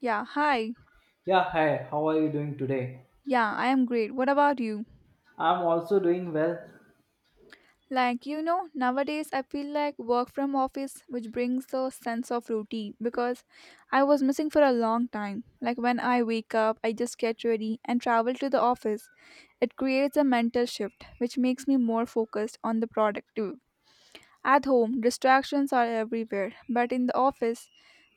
Yeah, hi. Yeah, hi, how are you doing today? Yeah, I am great. What about you? I'm also doing well. Like, nowadays I feel like work from office which brings a sense of routine because I was missing for a long time. Like when I wake up, I just get ready and travel to the office. It creates a mental shift which makes me more focused on the productive. At home, distractions are everywhere, but in the office,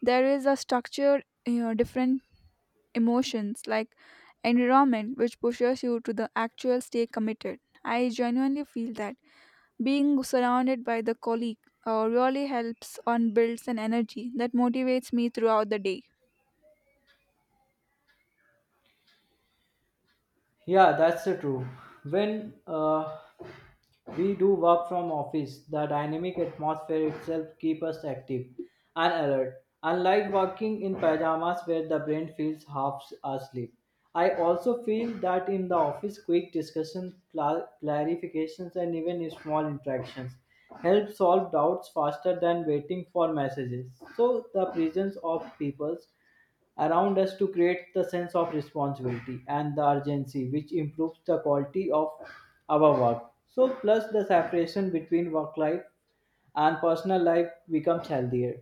there is a structured, different emotions like environment which pushes you to the actual stay committed. I genuinely feel that being surrounded by the colleague really helps and builds an energy that motivates me throughout the day. Yeah, that's the true. When we do work from office, the dynamic atmosphere itself keep us active and alert. Unlike working in pajamas where the brain feels half asleep. I also feel that in the office, quick discussion, clarifications, and even small interactions help solve doubts faster than waiting for messages. So the presence of people's around us to create the sense of responsibility and the urgency which improves the quality of our work so plus the separation between work life and personal life becomes healthier.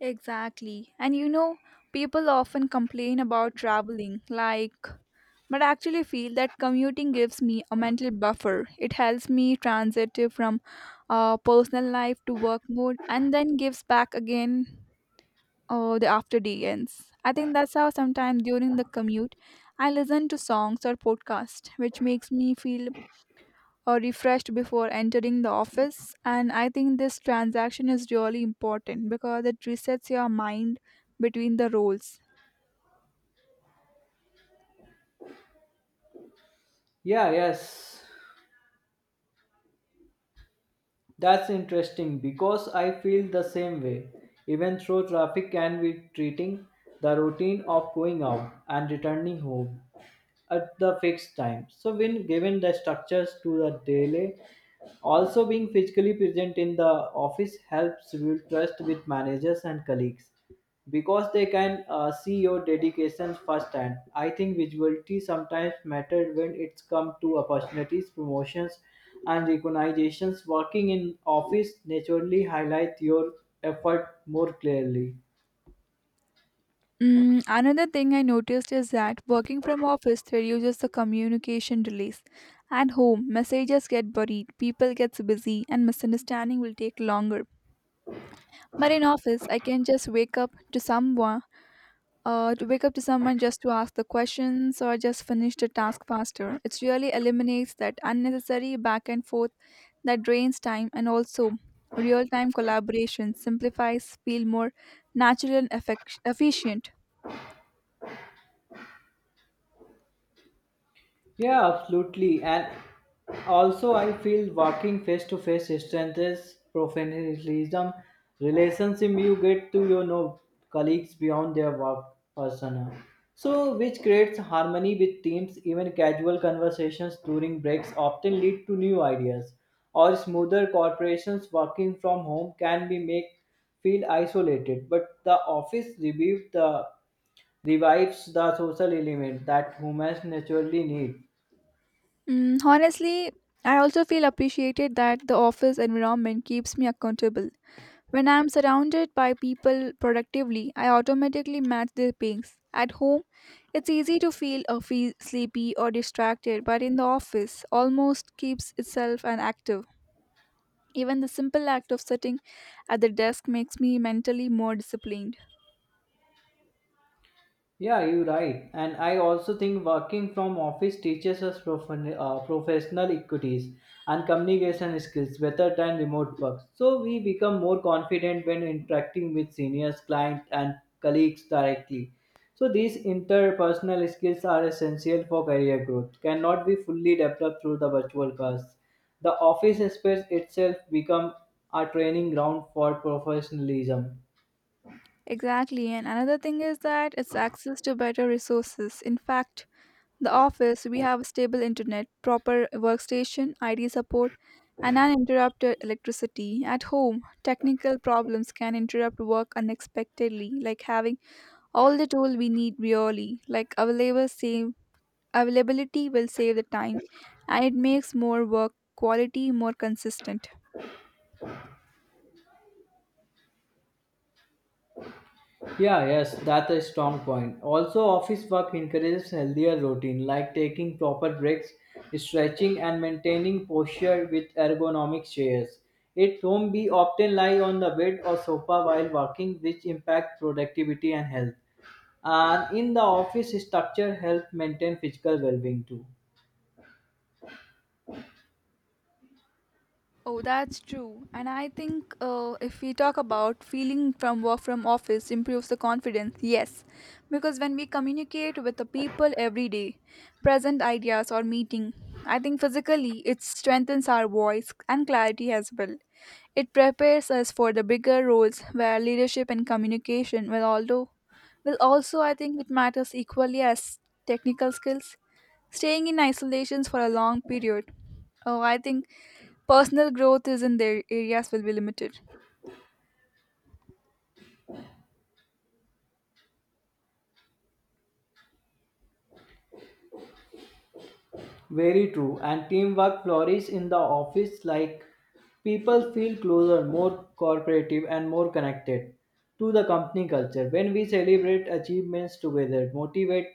Exactly. And people often complain about traveling, like, but I actually feel that commuting gives me a mental buffer. It helps me transit from personal life to work mode and then gives back again or the after day ends. I think that's how sometimes during the commute I listen to songs or podcasts, which makes me feel refreshed before entering the office. And I think this transaction is really important because it resets your mind between the roles. Yeah, yes. That's interesting because I feel the same way. Even though traffic can be treating the routine of going out and returning home at the fixed time. So when given the structures to the daily, also being physically present in the office helps build trust with managers and colleagues because they can see your dedication firsthand. I think visibility sometimes matters when it's come to opportunities, promotions, and recognitions. Working in office naturally highlight your effort more clearly. Another thing I noticed is that working from office reduces the communication delays. At home, messages get buried, people gets busy, and misunderstanding will take longer. But in office, I can just wake up to someone just to ask the questions or just finish the task faster. It really eliminates that unnecessary back and forth that drains time, and also real time collaboration simplifies, feel more natural and efficient. Yeah, absolutely. And also, I feel working face to face strengthens professionalism relationship you get to your know colleagues beyond their work persona. So, which creates harmony with teams. Even casual conversations during breaks often lead to new ideas. Or smoother corporations working from home can be make feel isolated, but the office revives the social element that humans naturally need. Honestly, I also feel appreciated that the office environment keeps me accountable. When I am surrounded by people productively, I automatically match their pace. At home, it's easy to feel sleepy or distracted, but in the office, almost keeps itself and active. Even the simple act of sitting at the desk makes me mentally more disciplined. Yeah, you're right. And I also think working from office teaches us professional equities and communication skills better than remote work. So we become more confident when interacting with seniors, clients, and colleagues directly. So these interpersonal skills are essential for career growth, cannot be fully developed through the virtual class. The office space itself become a training ground for professionalism. Exactly, and another thing is that it's access to better resources. In fact, the office, we have stable internet, proper workstation, ID support, and uninterrupted electricity. At home, technical problems can interrupt work unexpectedly, like having all the tool we need really, like available same. Availability will save the time, and it makes more work quality more consistent. Yeah, yes, that's a strong point. Also, office work encourages healthier routine like taking proper breaks, stretching, and maintaining posture with ergonomic chairs. At home, we often lie on the bed or sofa while working, which impacts productivity and health. And in the office, structure helps maintain physical well-being too. Oh, that's true. And I think if we talk about feeling from work from office improves the confidence, yes, because when we communicate with the people every day, present ideas or meeting, I think physically it strengthens our voice and clarity as well. It prepares us for the bigger roles where leadership and communication will, although will also, I think it matters equally as technical skills. Staying in isolations for a long period. Oh, I think personal growth is in their areas will be limited. Very true. And teamwork flourishes in the office like people feel closer, more cooperative, and more connected to the company culture. When we celebrate achievements together, motivate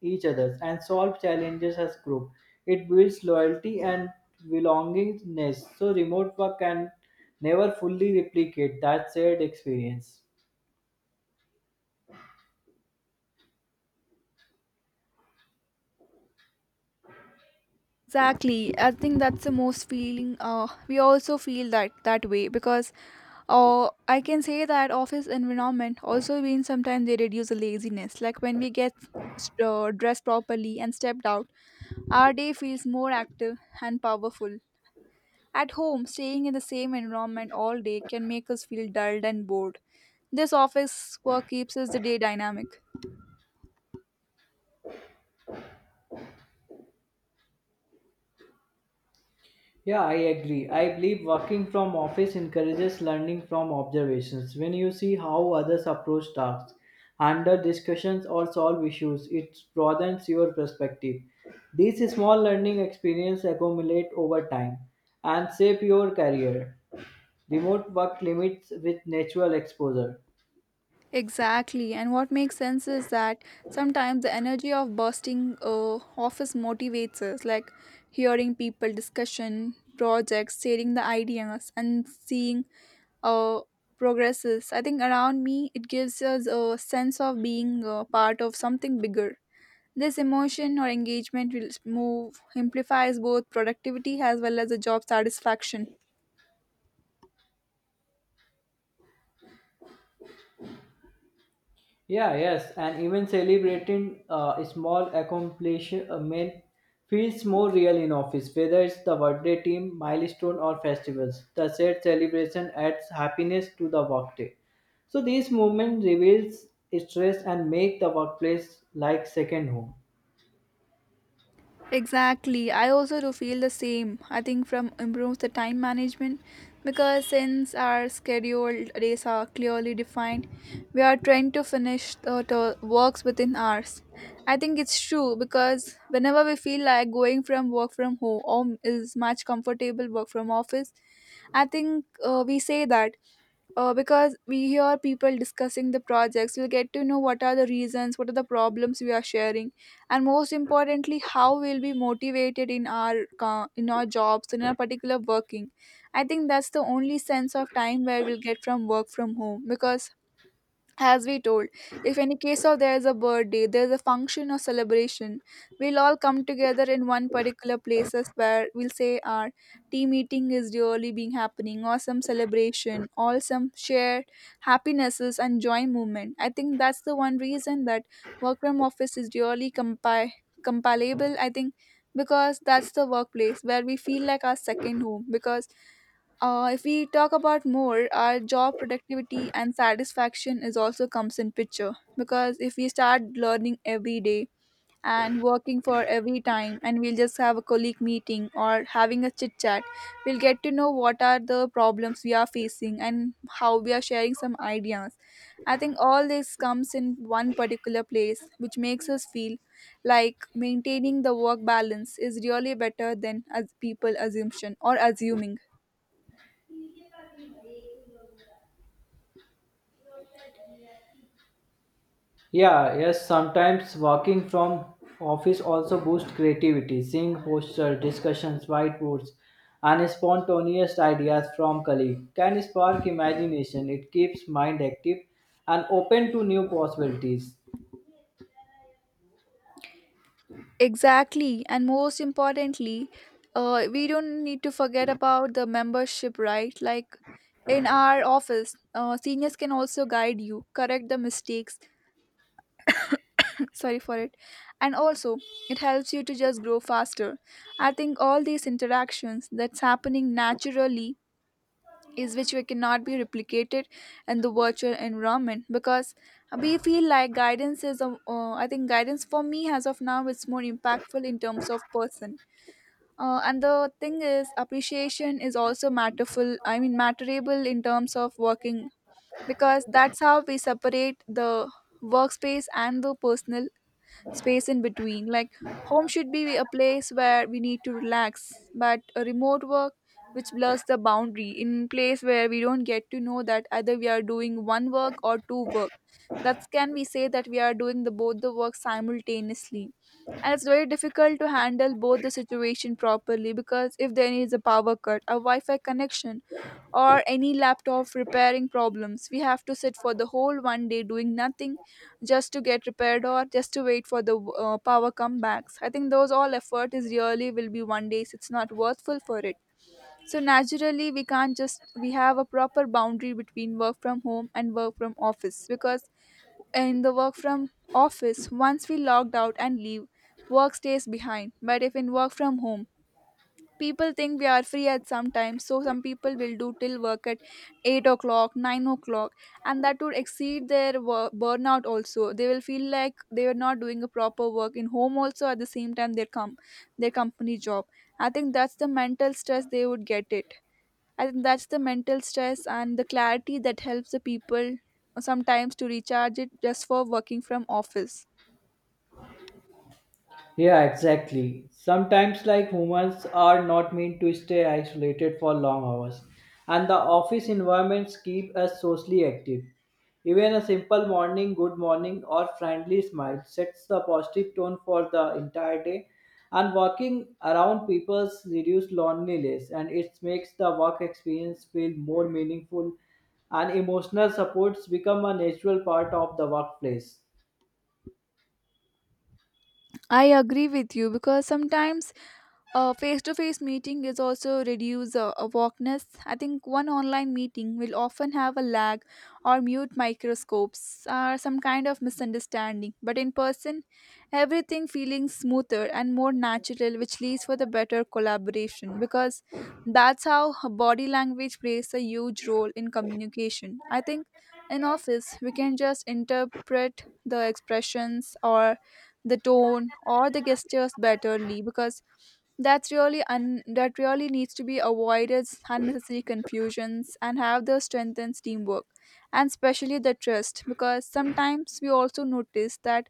each other, and solve challenges as group, it builds loyalty and belongingness. So, remote work can never fully replicate that shared experience. Exactly, I think that's the most feeling, we also feel that way because I can say that office environment also means sometimes they reduce the laziness, like when we get dressed properly and stepped out. Our day feels more active and powerful. At home, staying in the same environment all day can make us feel dulled and bored. This office work keeps us the day dynamic. Yeah, I agree. I believe working from office encourages learning from observations. When you see how others approach tasks, handle discussions, or solve issues, it broadens your perspective. These small learning experiences accumulate over time and shape your career. Remote work limits with natural exposure. Exactly, and what makes sense is that sometimes the energy of bursting office motivates us, like hearing people discussion projects, sharing the ideas, and seeing uh, progresses. I think around me, it gives us a sense of being part of something bigger. This emotion or engagement will move amplifies both productivity as well as the job satisfaction. Yeah, yes, and even celebrating small accomplishment feels more real in office, whether it's the birthday team, milestone, or festivals. The said celebration adds happiness to the workday. So these movements reveals stress and make the workplace like second home. Exactly. I also do feel the same. I think from improves the time management because since our scheduled days are clearly defined, we are trying to finish the works within hours. I think it's true because whenever we feel like going from work from home or is much comfortable work from office, I think we say that, because we hear people discussing the projects, we'll get to know what are the reasons, what are the problems we are sharing, and most importantly how we'll be motivated in our in our jobs, in our particular working. I think that's the only sense of time where we'll get from work from home because, as we told, if any case of there is a birthday, there is a function or celebration, we'll all come together in one particular places where we'll say our tea meeting is really being happening, or some celebration, or some shared happinesses and joy movement. I think that's the one reason that work from office is really compilable. I think because that's the workplace where we feel like our second home because if we talk about more, our job productivity and satisfaction is also comes in picture, because if we start learning every day and working for every time, and we'll just have a colleague meeting or having a chit chat, we'll get to know what are the problems we are facing and how we are sharing some ideas. I think all this comes in one particular place which makes us feel like maintaining the work balance is really better than as people assumption or assuming. Yeah, yes, sometimes working from office also boosts creativity. Seeing posters, discussions, whiteboards, and spontaneous ideas from colleagues can spark imagination. It keeps mind active and open to new possibilities. Exactly, and most importantly, we don't need to forget about the membership, right? Like in our office, seniors can also guide you, correct the mistakes. Sorry for it, and also it helps you to just grow faster. I think all these interactions that's happening naturally is which we cannot be replicated in the virtual environment, because we feel like I think guidance for me as of now is more impactful in terms of person. And the thing is, appreciation is also matterful. I mean, matterable in terms of working because that's how we separate the workspace and the personal space in between. Like home should be a place where we need to relax, but a remote work which blurs the boundary in place where we don't get to know that either we are doing one work or two work. That can we say that we are doing the both the work simultaneously, and it's very difficult to handle both the situation properly because if there is a power cut, a wi-fi connection, or any laptop repairing problems. We have to sit for the whole one day doing nothing just to get repaired or just to wait for the power comebacks. I think those all effort is really will be one days. It's not worthful for it. So naturally, we can't just, we have a proper boundary between work from home and work from office, because in the work from office, once we logged out and leave, work stays behind. But if in work from home, people think we are free at some time, so some people will do till work at 8 o'clock, 9 o'clock, and that would exceed their burnout. Also they will feel like they are not doing a proper work in home also, at the same time their their company job. I think that's the mental stress they would get it. I think that's the mental stress and the clarity that helps the people sometimes to recharge it, just for working from office. Yeah, exactly. Sometimes, like humans are not meant to stay isolated for long hours, and the office environments keep us socially active. Even a simple morning, good morning, or friendly smile sets the positive tone for the entire day. And walking around people reduces loneliness, and it makes the work experience feel more meaningful. And emotional supports become a natural part of the workplace. I agree with you because sometimes a face-to-face meeting is also reduce awakeness. I think one online meeting will often have a lag or mute microscopes or some kind of misunderstanding. But in person, everything feeling smoother and more natural, which leads for the better collaboration, because that's how body language plays a huge role in communication. I think in office we can just interpret the expressions or the tone or the gestures betterly, because that's really that really needs to be avoided unnecessary confusions and have the strengthens teamwork, and especially the trust, because sometimes we also notice that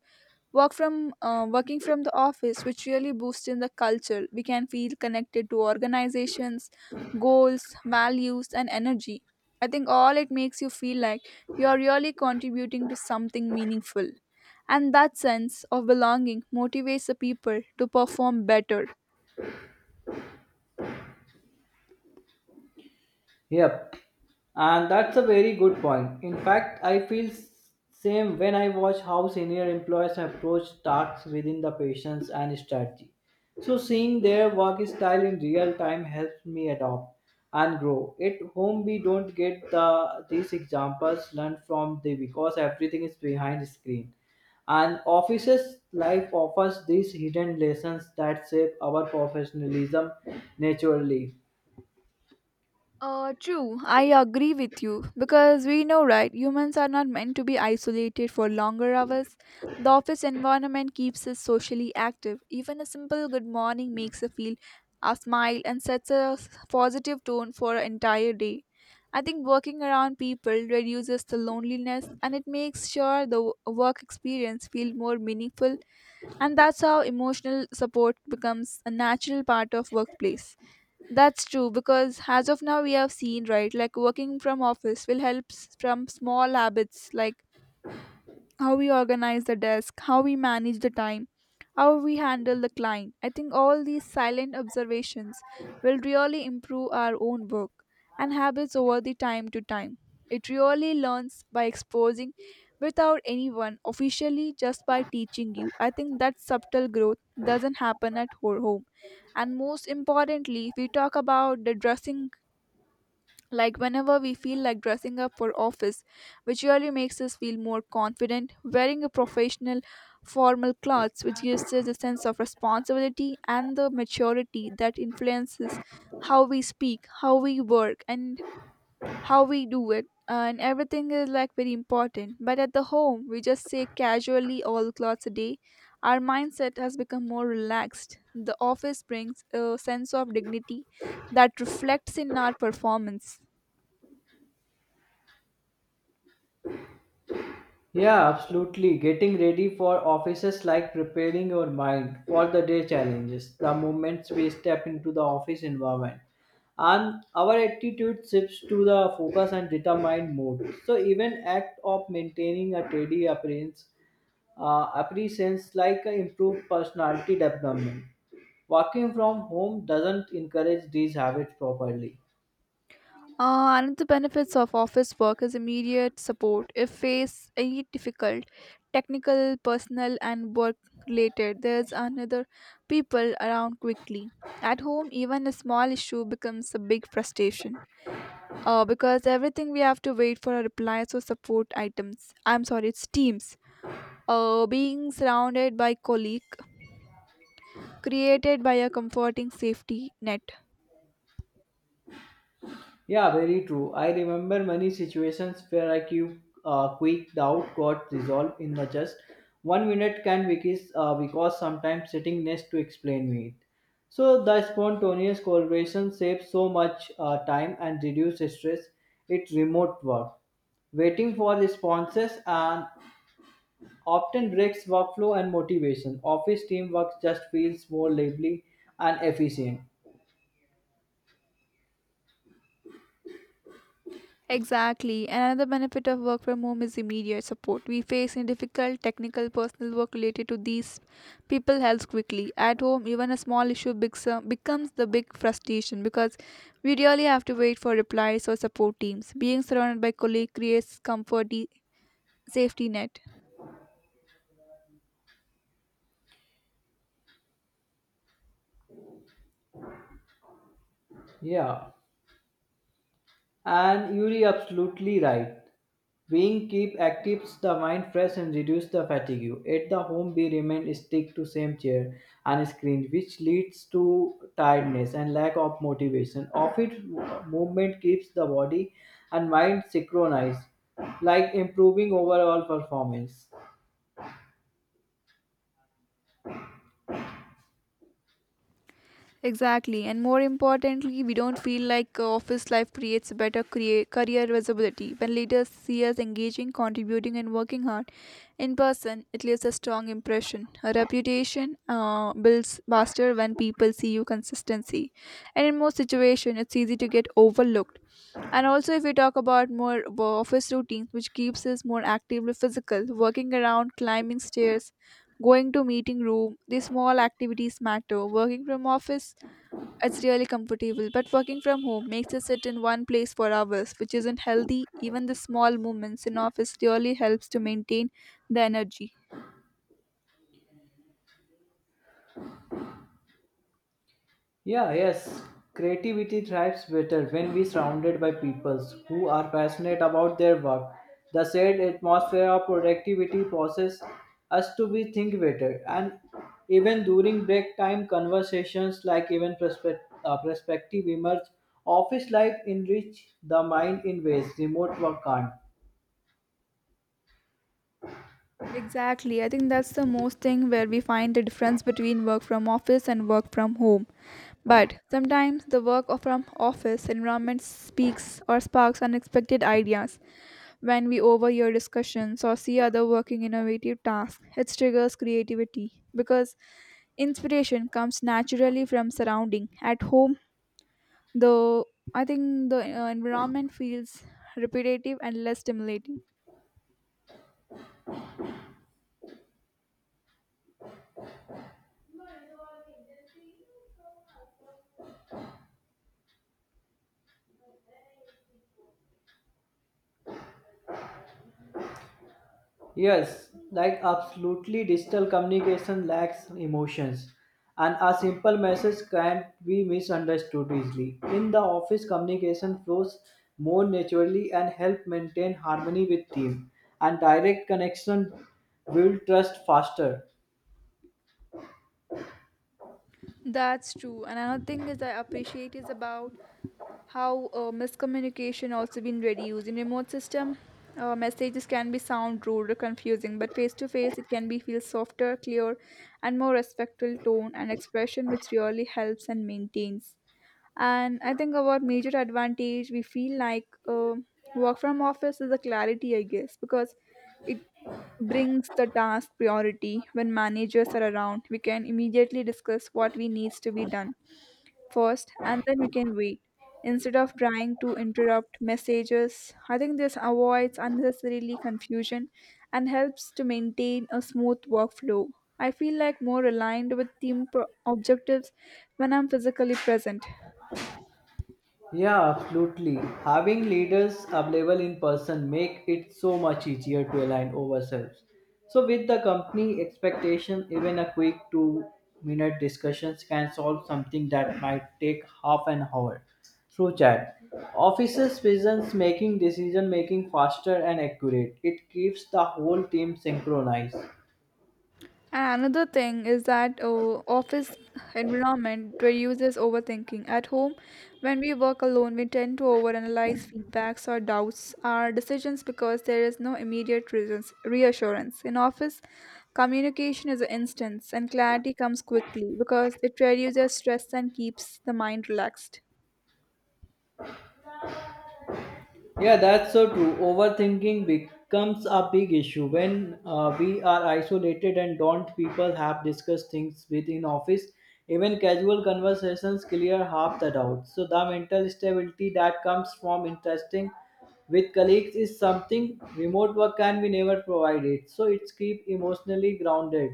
working from the office which really boosts in the culture, we can feel connected to organizations goals, values and energy. I think all it makes you feel like you are really contributing to something meaningful, and that sense of belonging motivates the people to perform better. Yep. And that's a very good point. In fact, I feel same when I watch how senior employees approach tasks within the patients and strategy. So seeing their work style in real time helps me adopt and grow. At home we don't get the these examples learned from the because everything is behind the screen. And offices life offers these hidden lessons that shape our professionalism naturally. True, I agree with you because we know, right? Humans are not meant to be isolated for longer hours. The office environment keeps us socially active. Even a simple good morning makes us feel a smile and sets a positive tone for an entire day. I think working around people reduces the loneliness and it makes sure the work experience feel more meaningful, and that's how emotional support becomes a natural part of workplace. That's true because as of now we have seen right, like working from office will help from small habits like how we organize the desk, how we manage the time, how we handle the client. I think all these silent observations will really improve our own work and habits over the time to time. It really learns by exposing without anyone officially just by teaching you. I think that subtle growth doesn't happen at home. And most importantly, if we talk about the dressing like whenever we feel like dressing up for office, which really makes us feel more confident, wearing a professional formal clothes, which gives us a sense of responsibility and the maturity that influences how we speak, how we work, and how we do it. And everything is like very important. But at the home, we just say casually all clothes a day. Our mindset has become more relaxed. The office brings a sense of dignity that reflects in our performance. Yeah, absolutely. Getting ready for office is like preparing your mind for the day challenges. The moments we step into the office environment and our attitude shifts to the focus and determined mode. So even act of maintaining a tidy appearance like a improved personality development. Working from home doesn't encourage these habits properly. Another benefits of office work is immediate support if face any difficult technical, personal, and work related. There's another people around quickly. At home, even a small issue becomes a big frustration. Because everything we have to wait for a reply or support items. I'm sorry, it's teams. Being surrounded by colleague created by a comforting safety net. Yeah, very true. I remember many situations where a quick doubt got resolved in the just 1 minute can because sometimes sitting next to explain me it. So the spontaneous collaboration saves so much time and reduces stress. It's remote work. Waiting for responses and often breaks workflow and motivation. Office teamwork just feels more lively and efficient. Exactly. Another benefit of work from home is immediate support. We face any difficult technical personal work related to these people helps quickly. At home, even a small issue becomes the big frustration because we really have to wait for replies or support teams. Being surrounded by colleagues creates comfort, safety net. Yeah, and you're absolutely right. Being keep actives the mind fresh and reduce the fatigue. At the home, we remain stick to same chair and screen, which leads to tiredness and lack of motivation. Office movement keeps the body and mind synchronized, like improving overall performance. Exactly, and more importantly, we don't feel like office life creates better career visibility. When leaders see us engaging, contributing, and working hard in person, it leaves a strong impression. A reputation builds faster when people see you consistency, and in most situations, it's easy to get overlooked. And also, if we talk about more of office routines, which keeps us more actively physical, working around, climbing stairs, going to meeting room, these small activities matter. Working from office it's really comfortable, but working from home makes us sit in one place for hours, which isn't healthy. Even the small movements in office really helps to maintain the energy. Yeah, yes. Creativity thrives better when we surrounded by peoples who are passionate about their work. The said atmosphere of productivity forces us to be think better, and even during break time conversations, like even perspective emerge. Office life enrich the mind in ways remote work can't. Exactly. I think that's the most thing where we find the difference between work from office and work from home. But sometimes the work from office environment speaks or sparks unexpected ideas. When we overhear discussions or see other working innovative tasks, it triggers creativity because inspiration comes naturally from surrounding. At home, the I think the environment feels repetitive and less stimulating. Yes, like absolutely digital communication lacks emotions and a simple message can't be misunderstood easily. In the office communication flows more naturally and help maintain harmony with team and direct connection build trust faster. That's true. And another thing is I appreciate is about how miscommunication also been reduced in remote system. Messages can be sound rude or confusing, but face to face it can be feel softer, clear, and more respectful tone and expression, which really helps and maintains. And I think about major advantage we feel like work from office is the clarity I guess because it brings the task priority when managers are around we can immediately discuss what we needs to be done first and then we can wait instead of trying to interrupt messages. I think this avoids unnecessarily confusion and helps to maintain a smooth workflow. I feel like more aligned with team objectives when I'm physically present. Yeah, absolutely. Having leaders available in person make it so much easier to align ourselves. So with the company expectation, even a quick 2 minute discussions can solve something that might take half an hour through chat. Offices presence making decision making faster and accurate. It keeps the whole team synchronized. And another thing is that office environment reduces overthinking. At home, when we work alone, we tend to overanalyze feedbacks or doubts our decisions because there is no immediate reasons, reassurance. In office, communication is an instant and clarity comes quickly because it reduces stress and keeps the mind relaxed. Yeah, that's so true. Overthinking becomes a big issue when we are isolated and don't people have discussed things within office. Even casual conversations clear half the doubts. So the mental stability that comes from interesting with colleagues is something remote work can be never provided. So it's keep emotionally grounded.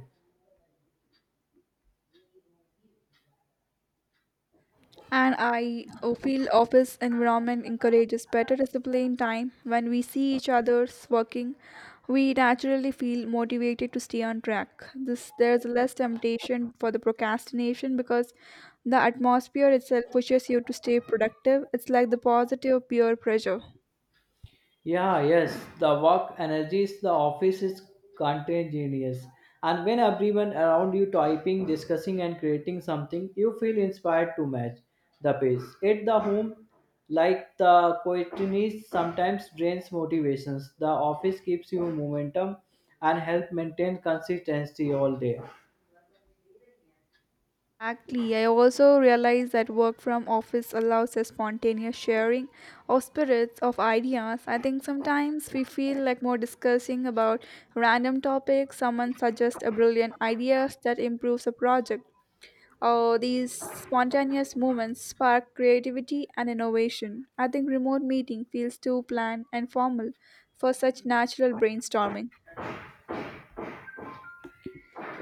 And I feel office environment encourages better discipline time. When we see each other's working, we naturally feel motivated to stay on track. This there's less temptation for the procrastination because the atmosphere itself pushes you to stay productive. It's like the positive peer pressure. Yeah, yes, the work energies, the office is contagious. And when everyone around you typing, discussing, and creating something, you feel inspired to match the pace. At the home, like the quietness sometimes drains motivations. The office keeps you momentum and help maintain consistency all day. Exactly. I also realize that work from office allows a spontaneous sharing of spirits of ideas. I think sometimes we feel like more discussing about random topics, someone suggests a brilliant idea that improves a project. Oh, these spontaneous moments spark creativity and innovation. I think remote meeting feels too planned and formal for such natural brainstorming.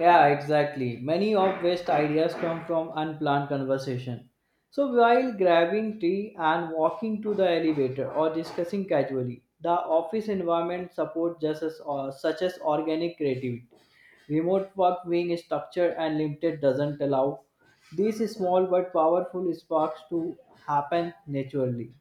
Yeah, exactly. Many of West ideas come from unplanned conversation. So while grabbing tea and walking to the elevator or discussing casually, the office environment supports just as, such as organic creativity. Remote work being structured and limited doesn't allow these small but powerful sparks to happen naturally.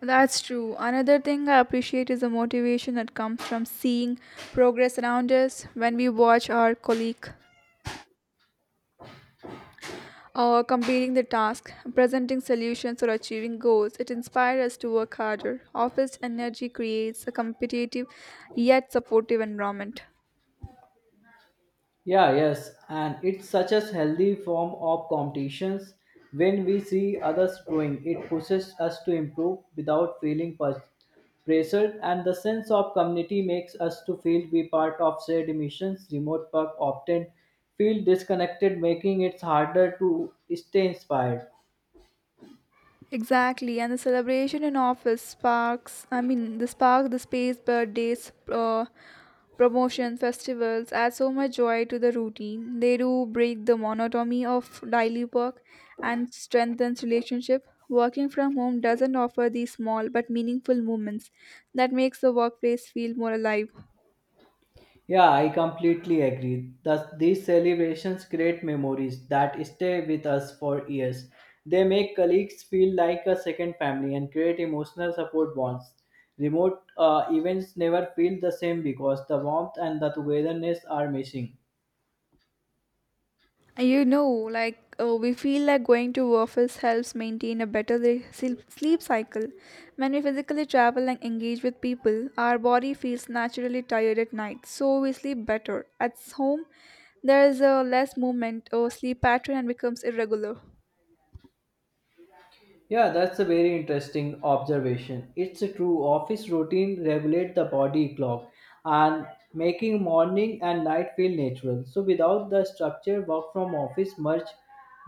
That's true. Another thing I appreciate is the motivation that comes from seeing progress around us when we watch our colleague completing the task, presenting solutions, or achieving goals. It inspires us to work harder. Office energy creates a competitive yet supportive environment. Yeah, yes, and it's such a healthy form of competitions. When we see others growing, it pushes us to improve without feeling pressured, and the sense of community makes us to feel be part of shared missions. Remote work often feel disconnected, making it harder to stay inspired. Exactly, and the celebration in office sparks. I mean, the spark, the space, birthdays, promotion festivals add so much joy to the routine. They do break the monotony of daily work and strengthens relationship. Working from home doesn't offer these small but meaningful moments that makes the workplace feel more alive. Yeah, I completely agree. Thus, these celebrations create memories that stay with us for years. They make colleagues feel like a second family and create emotional support bonds. Remote events never feel the same because the warmth and the togetherness are missing. You know, like we feel like going to office helps maintain a better sleep cycle. When we physically travel and engage with people, our body feels naturally tired at night, so we sleep better. At home, there is a less movement, or sleep pattern and becomes irregular. Yeah, that's a very interesting observation. It's a true. Office routine regulate the body clock and making morning and night feel natural. So without the structure, work from office merge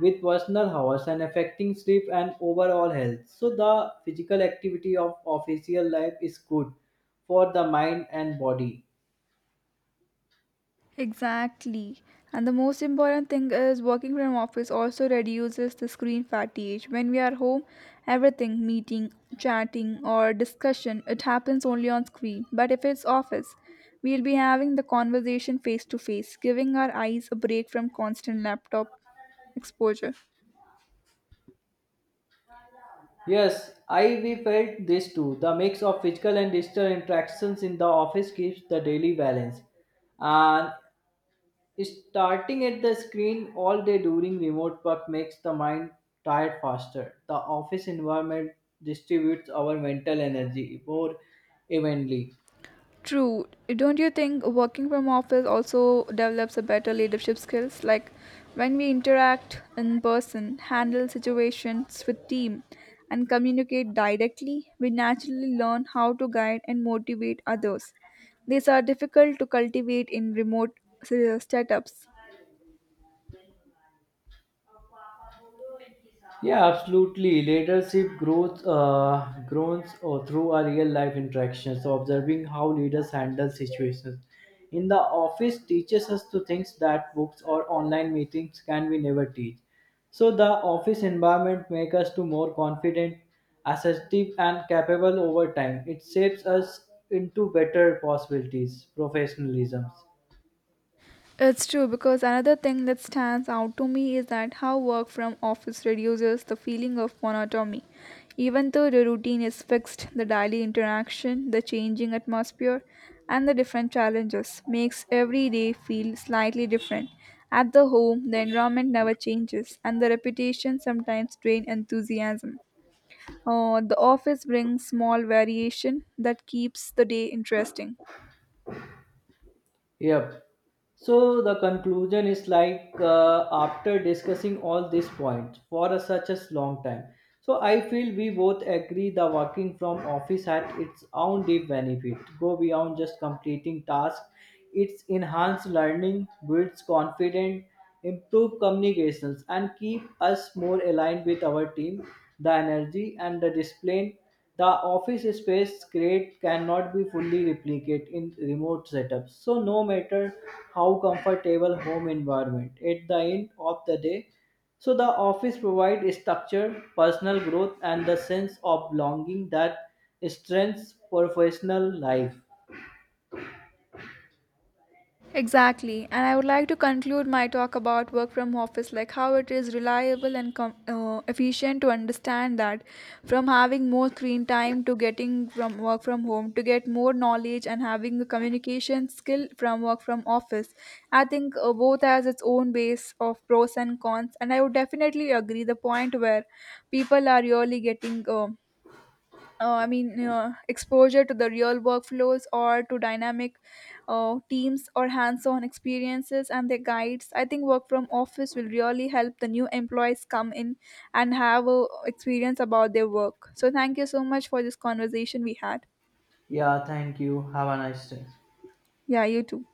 with personal hours and affecting sleep and overall health. So the physical activity of official life is good for the mind and body. Exactly. And the most important thing is working from office also reduces the screen fatigue. When we are home, everything meeting, chatting or discussion, it happens only on screen. But if it's office, we'll be having the conversation face to face, giving our eyes a break from constant laptop exposure. Yes, I we felt this too. The mix of physical and digital interactions in the office keeps the daily balance and starting at the screen all day during remote work makes the mind tired faster. The office environment distributes our mental energy more evenly. True. Don't you think working from office also develops a better leadership skills? Like when we interact in person, handle situations with team, and communicate directly, we naturally learn how to guide and motivate others. These are difficult to cultivate in remote setups. Yeah, absolutely. Leadership grows through our real life interactions. So observing how leaders handle situations in the office teaches us to things that books or online meetings can we never teach. So the office environment makes us to more confident, assertive and capable over time. It shapes us into better possibilities, professionalism. It's true because another thing that stands out to me is that how work from office reduces the feeling of monotony. Even though the routine is fixed, the daily interaction, the changing atmosphere, and the different challenges makes every day feel slightly different. At the home, the environment never changes, and the repetition sometimes drain enthusiasm. The office brings small variation that keeps the day interesting. Yep. So the conclusion is like after discussing all these points for a, such a long time. So I feel we both agree the working from office had its own deep benefit. Go beyond just completing tasks. It's enhanced learning, builds confidence, improve communications, and keep us more aligned with our team. The energy and the discipline the office space create cannot be fully replicated in remote setups. So no matter how comfortable home environment, at the end of the day, so the office provides structure, personal growth, and the sense of belonging that strengthens professional life. Exactly, and I would like to conclude my talk about work from office, like how it is reliable and efficient to understand that from having more screen time to getting from work from home to get more knowledge and having a communication skill from work from office. I think both has its own base of pros and cons, and I would definitely agree the point where people are really getting. Exposure to the real workflows or to dynamic teams or hands on experiences and their guides. I think work from office will really help the new employees come in and have a experience about their work. So, thank you so much for this conversation we had. Yeah, thank you. Have a nice day. Yeah, you too.